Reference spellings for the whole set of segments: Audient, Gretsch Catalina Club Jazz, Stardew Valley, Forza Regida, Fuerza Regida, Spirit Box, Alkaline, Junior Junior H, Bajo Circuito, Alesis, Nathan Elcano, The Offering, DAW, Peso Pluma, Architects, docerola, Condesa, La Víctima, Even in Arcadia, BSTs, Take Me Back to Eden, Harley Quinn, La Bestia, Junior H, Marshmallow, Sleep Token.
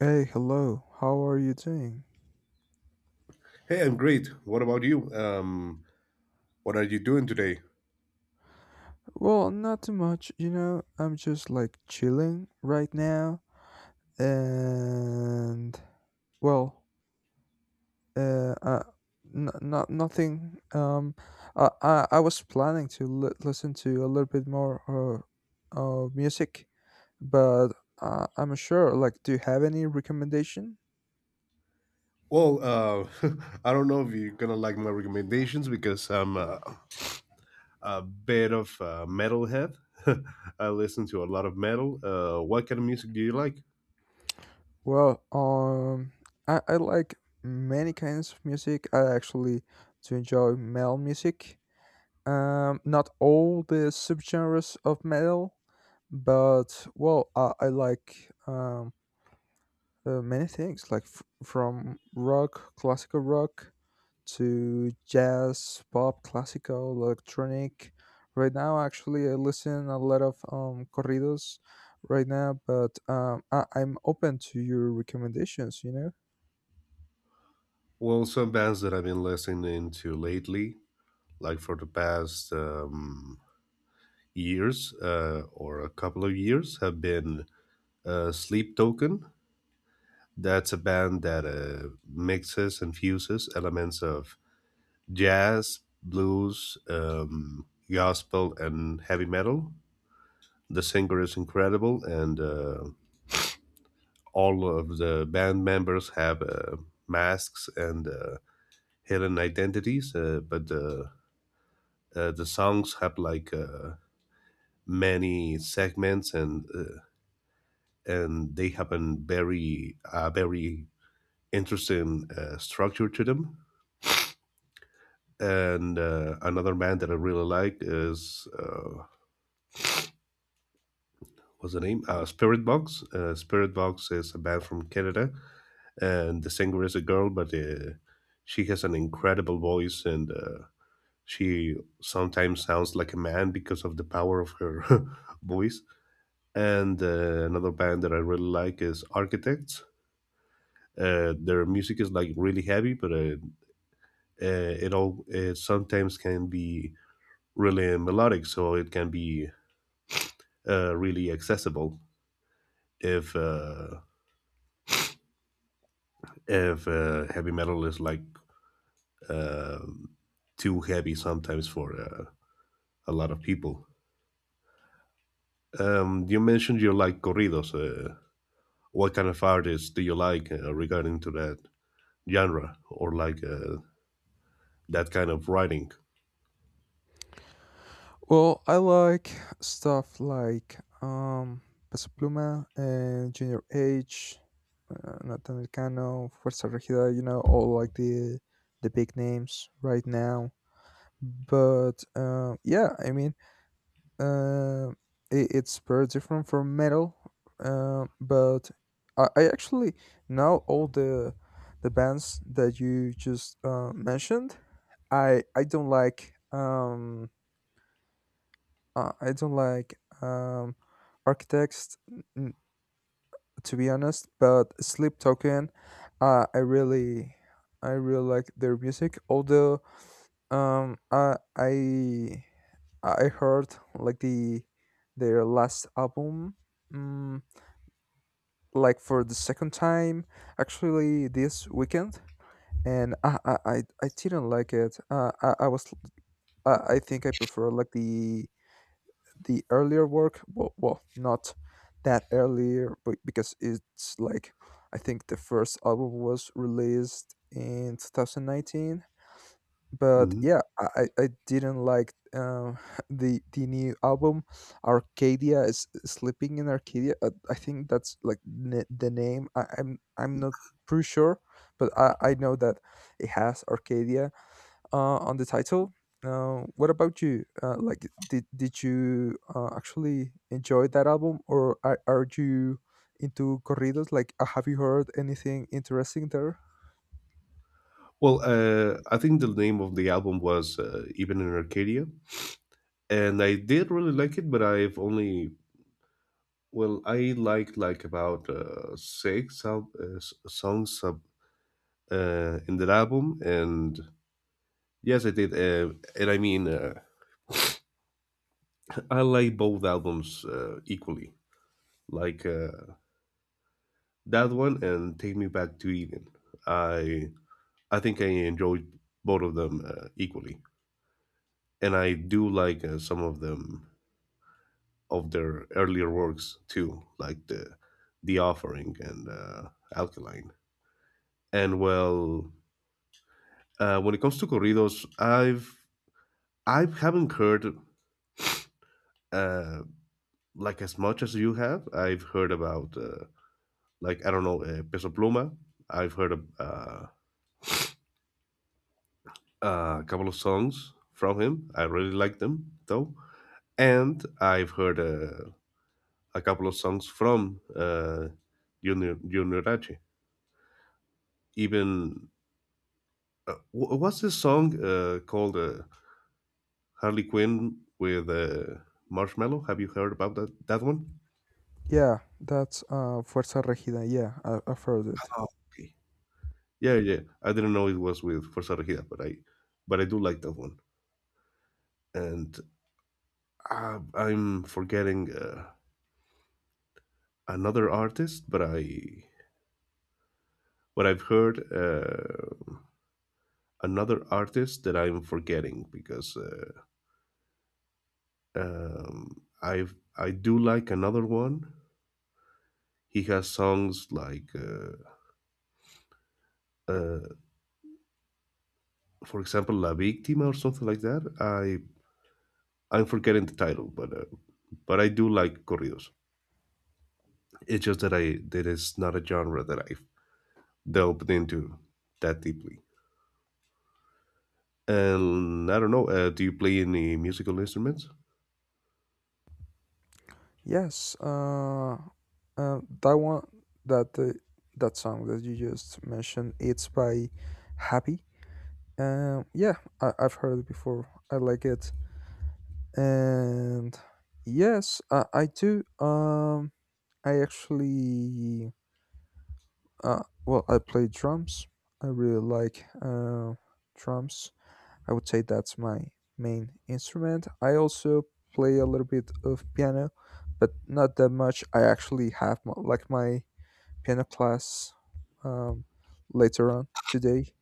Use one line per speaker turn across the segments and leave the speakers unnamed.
Hey, hello. How are you doing?
Hey, I'm great. What about you? What are you doing today?
Well, not too much, I'm just like chilling right now, and well, uh, uh not nothing. I was planning to listen to a little bit more music, but I'm sure. Like, do you have any recommendation?
Well, uh, I don't know if you're gonna like my recommendations because I'm a bit of a metalhead. I listen to a lot of metal. What kind of music do you like?
Well, I like many kinds of music. I actually do enjoy metal music. Not all the subgenres of metal, but well, I like many things, like from rock, classical rock, to jazz, pop, classical, electronic. Right now, actually, I listen a lot of corridos right now, but I'm open to your recommendations.
Well, some bands that I've been listening to lately, like for the past years or a couple of years, have been Sleep Token. That's a band that mixes and fuses elements of jazz, blues, gospel, and heavy metal. The singer is incredible, and all of the band members have masks and hidden identities, but the songs have like many segments, and they have a very interesting structure to them. And another band that I really like is what's the name? Spirit Box. Spirit Box is a band from Canada, and the singer is a girl, but she has an incredible voice, and she sometimes sounds like a man because of the power of her voice. And another band that I really like is Architects. Their music is like really heavy, but it sometimes can be really melodic, so it can be really accessible if uh, if heavy metal is like um too heavy sometimes for a lot of people. You mentioned you like corridos. What kind of artists do you like regarding to that genre or like that kind of writing?
Well, I like stuff like Peso Pluma and Junior H, Nathan Elcano, Fuerza Regida, you know, all like the big names right now. But yeah, I mean, uh, it's very different from metal. But I actually now all the bands that you just mentioned. I I don't like um I don't like architects, to be honest. But Sleep Token, uh, I really, I really like their music. Although, um, I, I, I heard like their last album, um, like for the second time, actually this weekend, and I didn't like it. I think I prefer like the earlier work. Well, well, not that earlier, but because it's like I think the first album was released in 2019. But yeah,
Mhm.
I didn't like the new album. Arcadia, is sleeping in Arcadia, I think that's like the name. I'm not pretty sure, but I know that it has Arcadia on the title. What about you? Like, did you actually enjoy that album, or are you into corridos? Like, have you heard anything interesting there?
Well, I think the name of the album was Even in Arcadia, and I did really like it, but I like about songs of, in that album, and yes, I did, and I mean, I like both albums equally, like uh, that one and "Take Me Back to Eden." I I think I enjoyed both of them equally, and I do like some of them of their earlier works too, like "The Offering" and "Alkaline." And well, when it comes to corridos, I haven't heard uh, like as much as you have. I've heard about. Like I don't know Peso Pluma. I've heard a couple of songs from him. I really like them though, and I've heard a couple of songs from Junior H. Even what's this song called Harley Quinn with Marshmallow? Have you heard about that one?
Yeah, that's Fuerza Regida. Yeah, I've heard it.
Oh, okay. Yeah, yeah. I didn't know it was with Forza Regida, but but I do like that one. And I'm forgetting. Another artist, but I but I've heard another artist that I'm forgetting because I do like another one. He has songs like, uh, for example, La Víctima or something like that. I'm forgetting the title, but I do like corridos. It's just that I that is not a genre that I've delved into that deeply. And I don't know. Do you play any musical instruments?
Yes, uh, that one, that uh, that song that you just mentioned, it's by Happy. Yeah, I've heard it before. I like it, and yes, I do. I actually, well, I play drums. I really like drums. I would say that's my main instrument. I also play a little bit of piano, but not that much. I actually have my piano class um, later on today.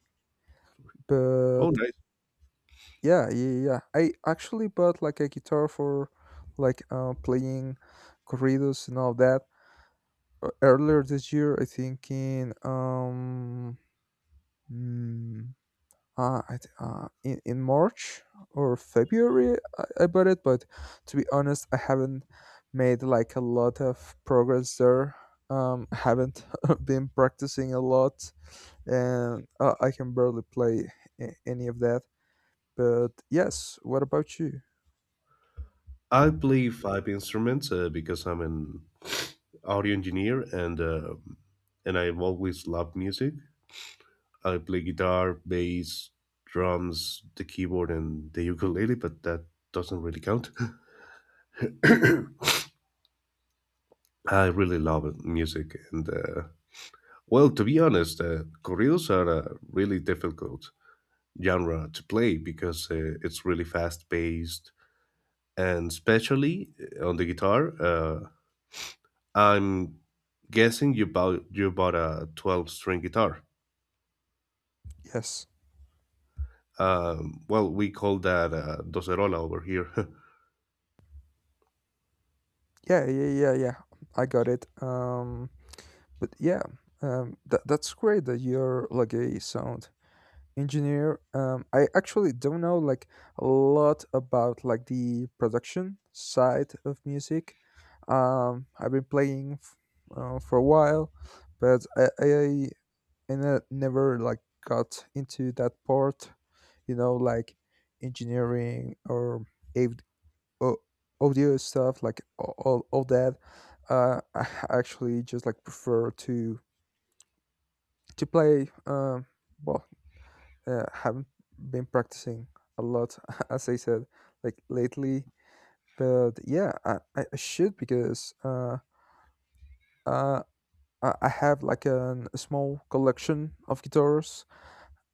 Oh,
But
nice.
yeah, yeah, yeah, yeah. I actually bought like a guitar for like playing corridos and all that earlier this year. I think in hmm, in March or February, I bought it. But to be honest, I haven't made like a lot of progress there. I haven't been practicing a lot, and I can barely play any of that. But yes, what about you?
I play five instruments because I'm an audio engineer and I've always loved music. I play guitar, bass, drums, the keyboard, and the ukulele, but that doesn't really count. I really love music, and well, to be honest, corridos are a really difficult genre to play because it's really fast paced, and especially on the guitar. I'm guessing you bought a 12 string guitar.
Yes,
Well, we call that a docerola over here.
yeah, yeah, yeah, yeah. I got it. But yeah, that's great that you're like a sound engineer. I actually don't know like a lot about like the production side of music. I've been playing for a while, but never like got into that part, you know, like engineering or av- au- audio stuff, like all that. I actually just like prefer to play. Well, haven't been practicing a lot, as I said, like lately. But yeah, I should because uh, I have like a small collection of guitars.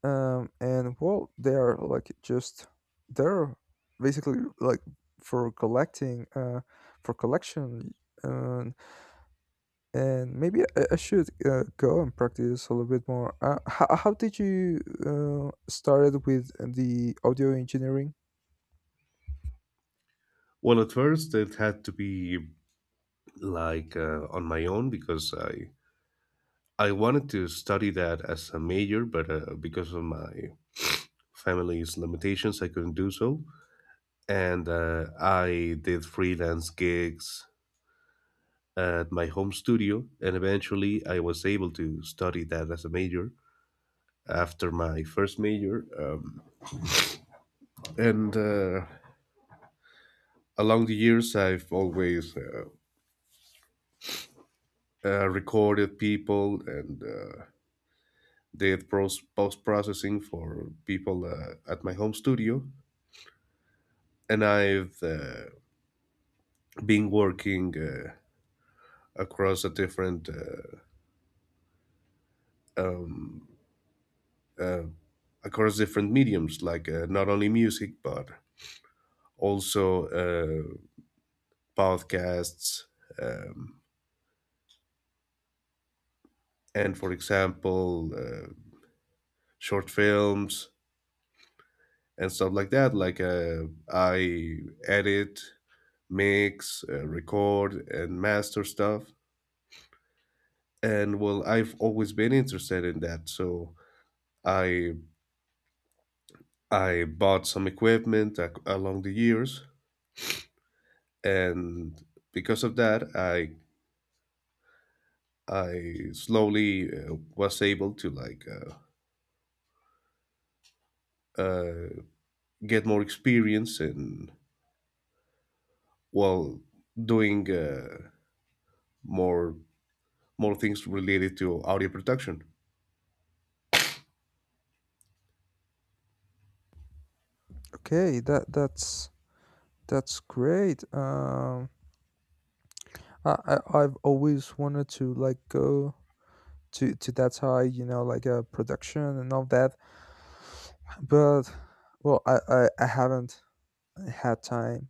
And well, they are like just they're basically like for collecting, uh, for collection. And and maybe I should go and practice a little bit more. How did you started with the audio engineering?
Well, at first it had to be like on my own because I wanted to study that as a major, but because of my family's limitations, I couldn't do so. And I did freelance gigs at my home studio, and eventually I was able to study that as a major. After my first major, and along the years I've always recorded people and did post-processing for people at my home studio, and I've been working across a different across different mediums like not only music but also podcasts, um, and for example short films and stuff like that. Like I edit, mix, record, and master stuff. And well, I've always been interested in that, so I I bought some equipment along the years, and because of that, I slowly was able to like uh, get more experience in well doing more more things related to audio production.
Okay, that's great. I I've always wanted to like go to that high, you know, like a production and all that, but well, I haven't had time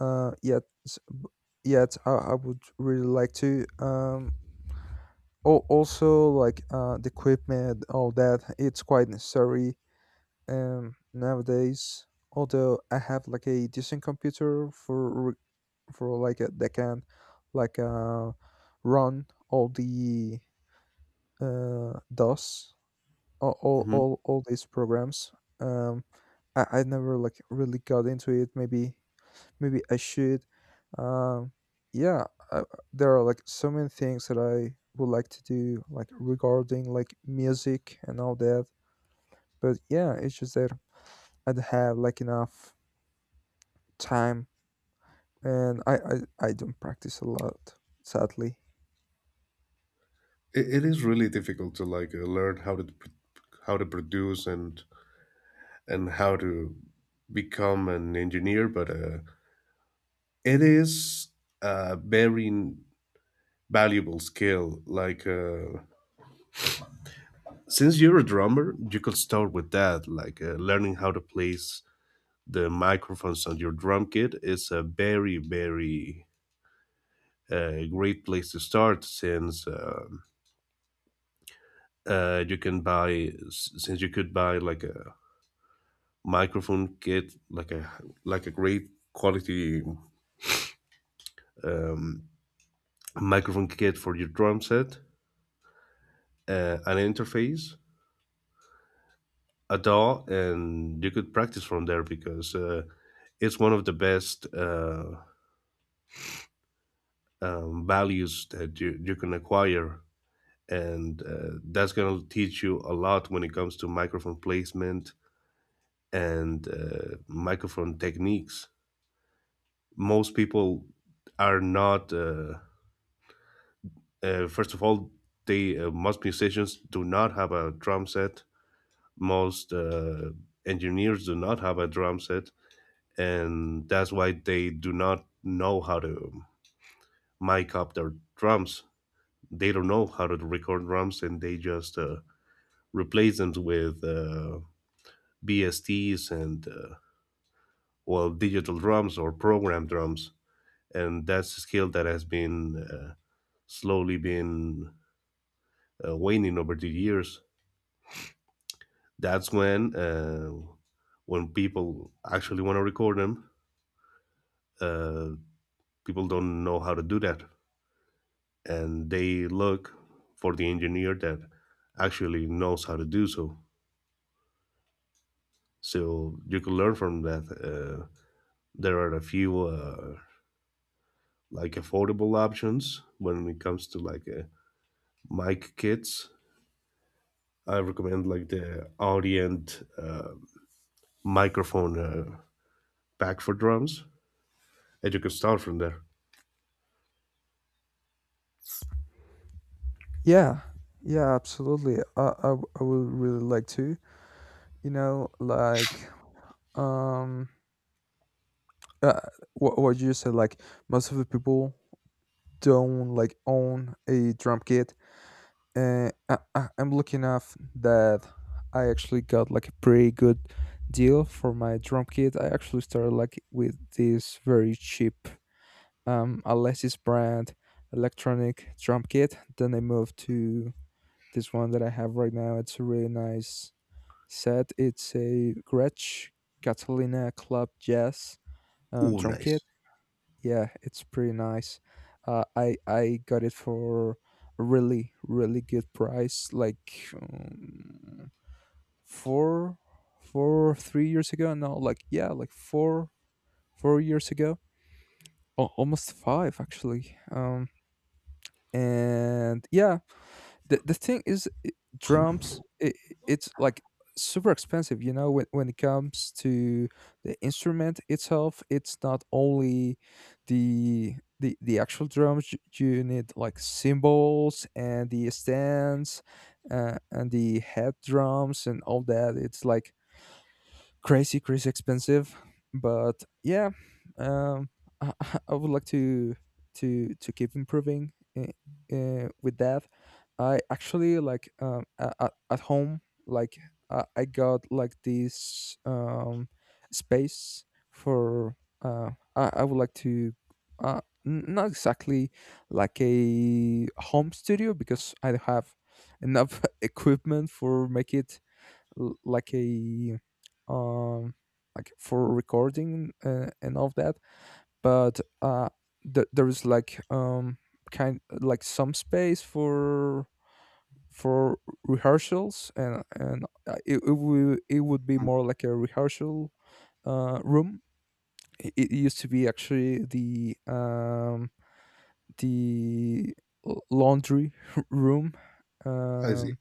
yet. Yet I would really like to. Also, like the equipment, all that, it's quite necessary nowadays, although I have like a decent computer for for like a, they can like run all the DOS,
Mhm.
all these programs. Um, I never like really got into it. Maybe I should. Um, yeah, uh, there are like so many things that I would like to do, like regarding like music and all that. But yeah, it's just that I don't have like enough time, and I don't practice a lot, sadly.
It is really difficult to like learn how to how to produce and how to become an engineer but it is a very valuable skill like since you're a drummer you could start with that like learning how to place the microphones on your drum kit is a very great place to start since you can since you could buy like a microphone kit, like a great quality um, microphone kit for your drum set, an interface, a DAW, and you could practice from there because it's one of the best values that you can acquire. And that's going to teach you a lot when it comes to microphone placement and microphone techniques. Most people are not first of all, they most musicians do not have a drum set. Most engineers do not have a drum set, and that's why they do not know how to mic up their drums. They don't know how to record drums, and they just replace them with BSTs and well, digital drums or program drums, and that's a skill that has been slowly been waning over the years. That's when people actually want to record them, uh, people don't know how to do that, and they look for the engineer that actually knows how to do so. So you can learn from that. There are a few like affordable options when it comes to like mic kits. I recommend like the Audient microphone pack for drums, and you can start from there.
Yeah, yeah, absolutely. I would really like to, you know, like, um, uh, what you said, like, most of the people don't like own a drum kit. And I'm lucky enough that I actually got like a pretty good deal for my drum kit. I actually started like with this very cheap, Alesis brand electronic drum kit. Then I moved to this one that I have right now. It's a really nice said it's a Gretsch Catalina Club Jazz
Oh,
drum kit.
nice!
Yeah, it's pretty nice. I got it for a really really good price, like four four three years ago. No, like yeah, like four years ago. Oh, almost five actually. And yeah, the thing is drums. It's like super expensive, you know, when it comes to the instrument itself. It's not only the actual drums. You need like cymbals and the stands, and the head drums and all that. It's like crazy, crazy expensive. But yeah, um, I, I would like to keep improving uh, with that. I actually like at home, like I got like this space for. I would like to. Uh, Not exactly like a home studio because I don't have enough equipment for make it like a um like for recording and all of that. But there is like kind like some space for rehearsals, and it would be more like a rehearsal room. It used to be actually the laundry room.
I see.
um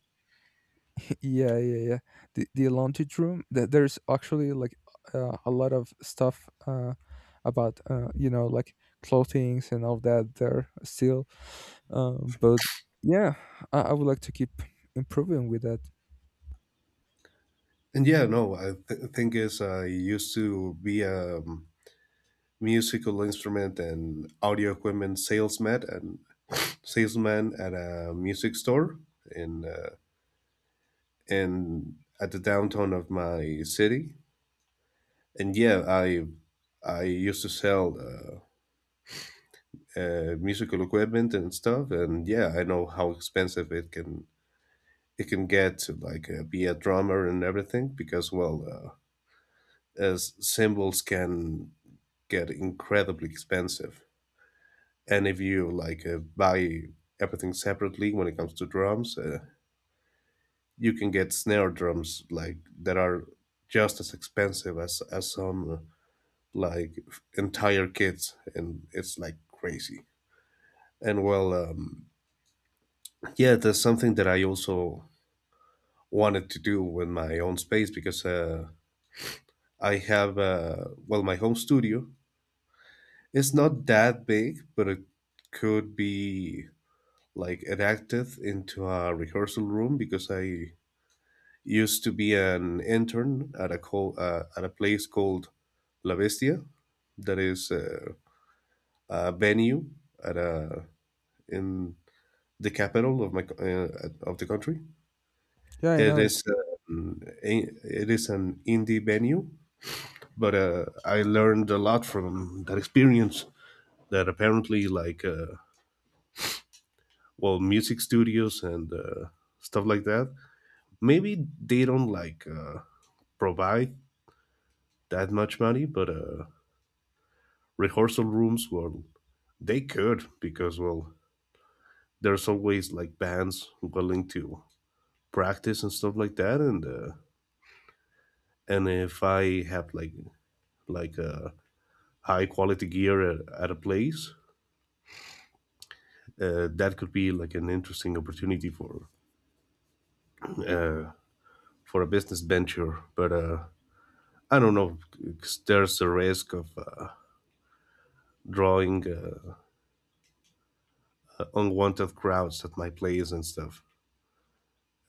Yeah, yeah, yeah. The laundry room. That there's actually like a lot of stuff about you know like clothings and all that there still. But yeah, I would like to keep improving with that.
And yeah, no, thing is, I used to be a musical instrument and audio equipment salesman at a music store in at the downtown of my city. And yeah, I used to sell musical equipment and stuff. And yeah, I know how expensive it can get to like be a drummer and everything because well, as symbols can get incredibly expensive. And if you like buy everything separately when it comes to drums, you can get snare drums like that are just as expensive as some like entire kits, and it's like crazy. And well, yeah, that's something that I also wanted to do with my own space because I have well, my home studio. It's not that big, but it could be like enacted into a rehearsal room because I used to be an intern at a at a place called La Bestia, that is a venue at a in the capital of my of the country.
Yeah, I
It
know it.
is it is an indie venue, but I learned a lot from that experience. That apparently, like, well, music studios and stuff like that, maybe they don't like provide that much money, but rehearsal rooms, well, they could because, well, there's always like bands willing to practice and stuff like that, and if I have like a high quality gear at a place, that could be like an interesting opportunity uh, for a business venture. But I don't know, 'cause there's a risk of drawing unwanted crowds at my place and stuff.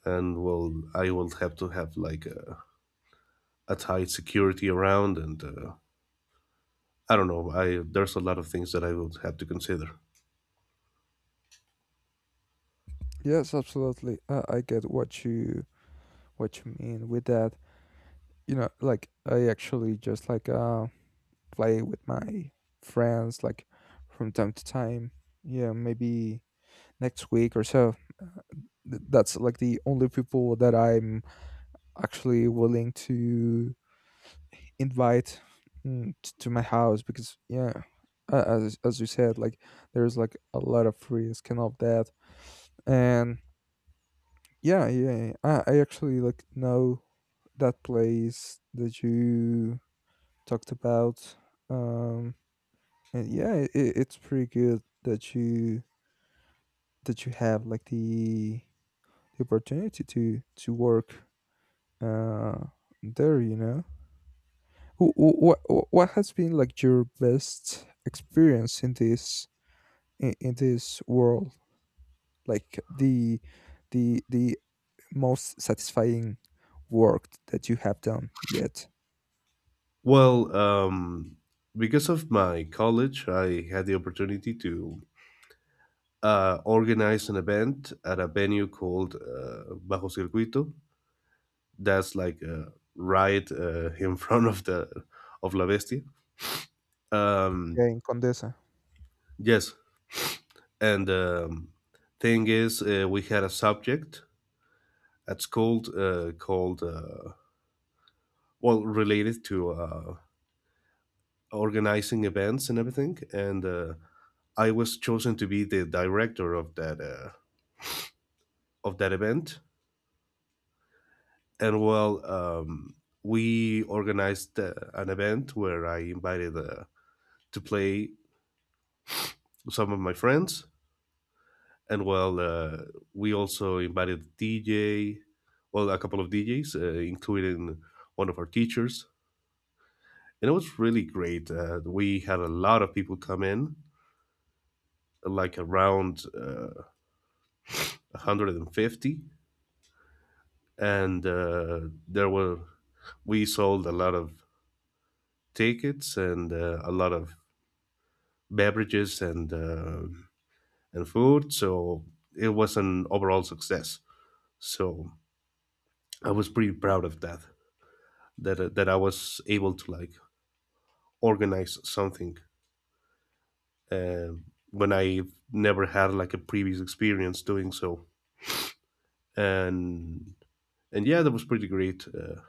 And well, I will have to have like a tight security around, and I don't know. I There's a lot of things that I will have to consider.
Yes, absolutely. I get what you mean with that. You know, like I actually just like play with my friends like from time to time. Yeah, maybe next week or so. That's like the only people that I'm actually willing to invite to my house, because yeah, as you said, like there's like a lot of risk and all that. And yeah, yeah, I actually like know that place that you talked about. um, and yeah, it's pretty good that you have like the opportunity to work uh, there. You know, what has been like your best experience in this in this world? Like the most satisfying work that you have done yet?
Well, because of my college, I had the opportunity to organize an event at a venue called Bajo Circuito. That's like right in front of the of La Bestia. Um,
Yeah, in Condesa.
yes, and thing is, we had a subject at called well related to organizing events and everything and I was chosen to be the director of that event, and well, we organized an event where I invited to play some of my friends, and well, we also invited DJ, well, a couple of DJs including one of our teachers, and it was really great. We had a lot of people come in like around 150, and there were we sold a lot of tickets and a lot of beverages and food, so it was an overall success. So I was pretty proud of that, that I was able to like organize something uh, when I never had like a previous experience doing so. and and yeah, that was pretty great.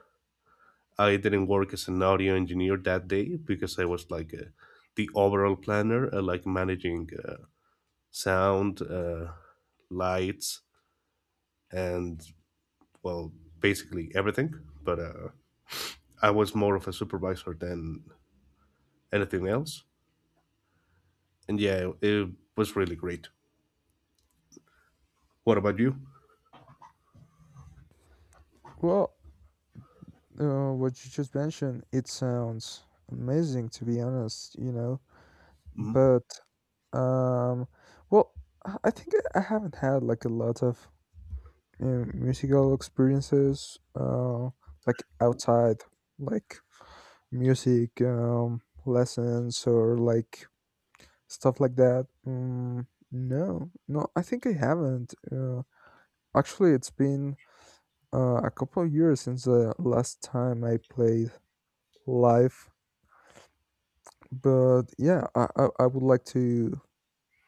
I didn't work as an audio engineer that day because I was like the overall planner, like managing sound, lights, and well, basically everything. But I was more of a supervisor than anything else. And yeah, it was really great. What about you?
Well, what you just mentioned, it sounds amazing, to be honest. You know,
Mhm.
but um, well, I think I haven't had like a lot of musical experiences like outside like music lessons or like stuff like that. No, no, I think I haven't. Actually, it's been a couple of years since the last time I played live. But yeah, I would like to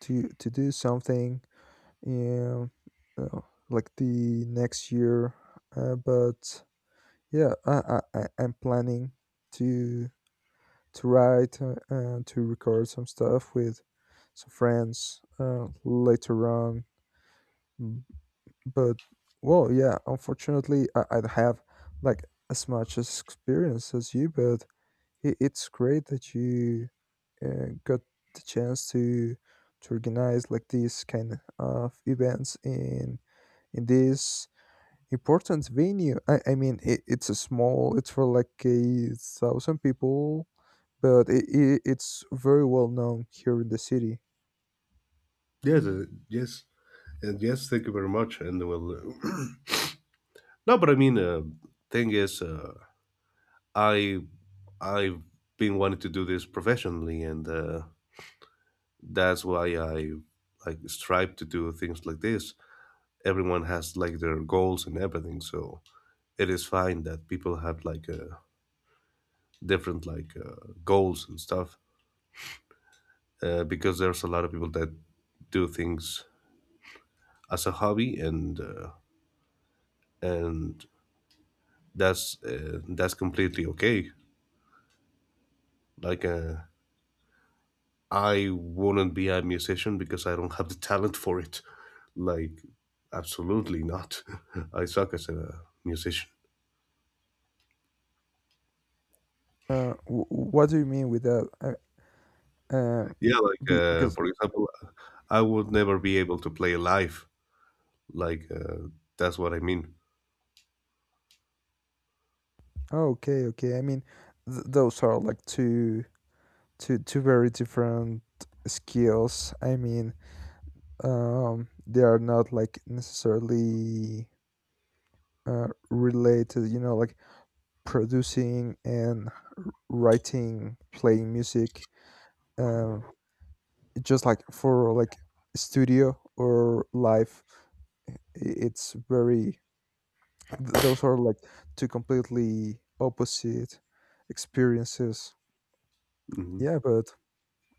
to to do something um, uh, like the next year, but yeah, I'm planning to to write and to record some stuff with some friends later on. B- But well, yeah, unfortunately, I don't have like as much as experience as you. But it's great that you got the chance to organize like these kind of events in this important venue. I mean, it's a small. It's for like 1,000 people, but it's very well known here in the city.
Yes, yes, and yes. Thank you very much. And well, no, but I mean, thing is, I I've been wanting to do this professionally, and that's why I like strive to do things like this. Everyone has like their goals and everything, so it is fine that people have like different like goals and stuff because there's a lot of people that do things as a hobby, and that's completely okay. like uh, I wouldn't be a musician because I don't have the talent for it, like absolutely not. I suck as a musician.
What do you mean with that? Uh,
Yeah, like
because
for example, I would never be able to play live. Like uh, that's what I mean.
oh, okay, okay. I mean, those are like two very different skills. I mean, they are not like necessarily related. You know, like producing and writing, playing music. um just like for like studio or live, i- it's very those are like two completely opposite experiences.
Hmm.
Yeah, but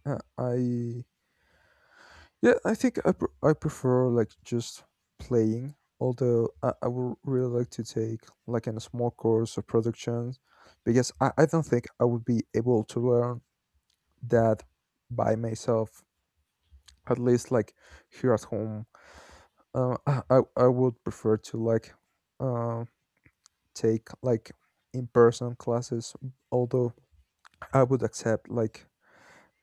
uh, i yeah I think I prefer like just playing, although I would really like to take like a small course of production, because I don't think I would be able to learn that by myself, at least like here at home. I would prefer to like uh, take like in-person classes, although I would accept like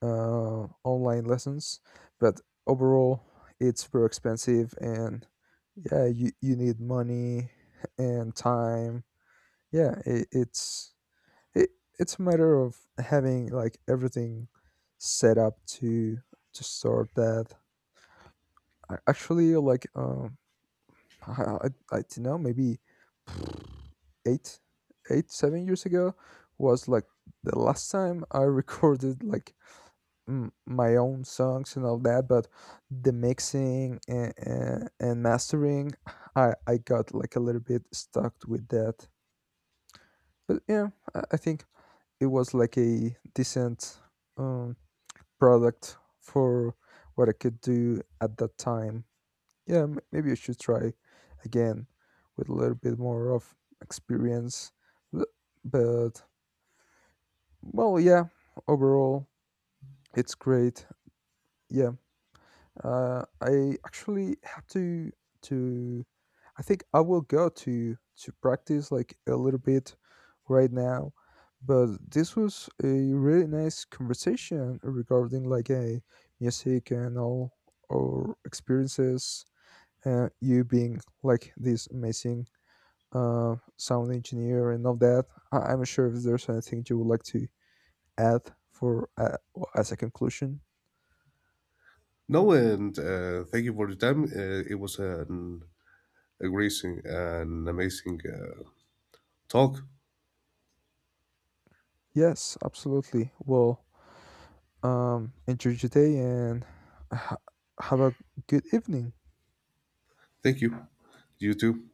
online lessons. But overall it's very expensive, and yeah, you need money and time. Yeah, it, it's a matter of having like everything set up to sort that. Actually, like I don't know, maybe eight eight seven years ago was like the last time I recorded like my own songs and all that. But the mixing, and mastering, I got like a little bit stuck with that. But yeah, I think it was like a decent um product for what I could do at that time. Yeah, maybe I should try again with a little bit more of experience, but well, yeah, overall it's great. Yeah. I actually have to. I think I will go to practice like a little bit right now. But this was a really nice conversation regarding like a music and all our experiences. You being like this amazing sound engineer and all that. I'm not sure if there's anything you would like to add for as a conclusion?
No, and thank you for the time. It was a great, an amazing talk.
Yes, absolutely. Well, enjoy your day and ha- have a good evening.
Thank you. You too.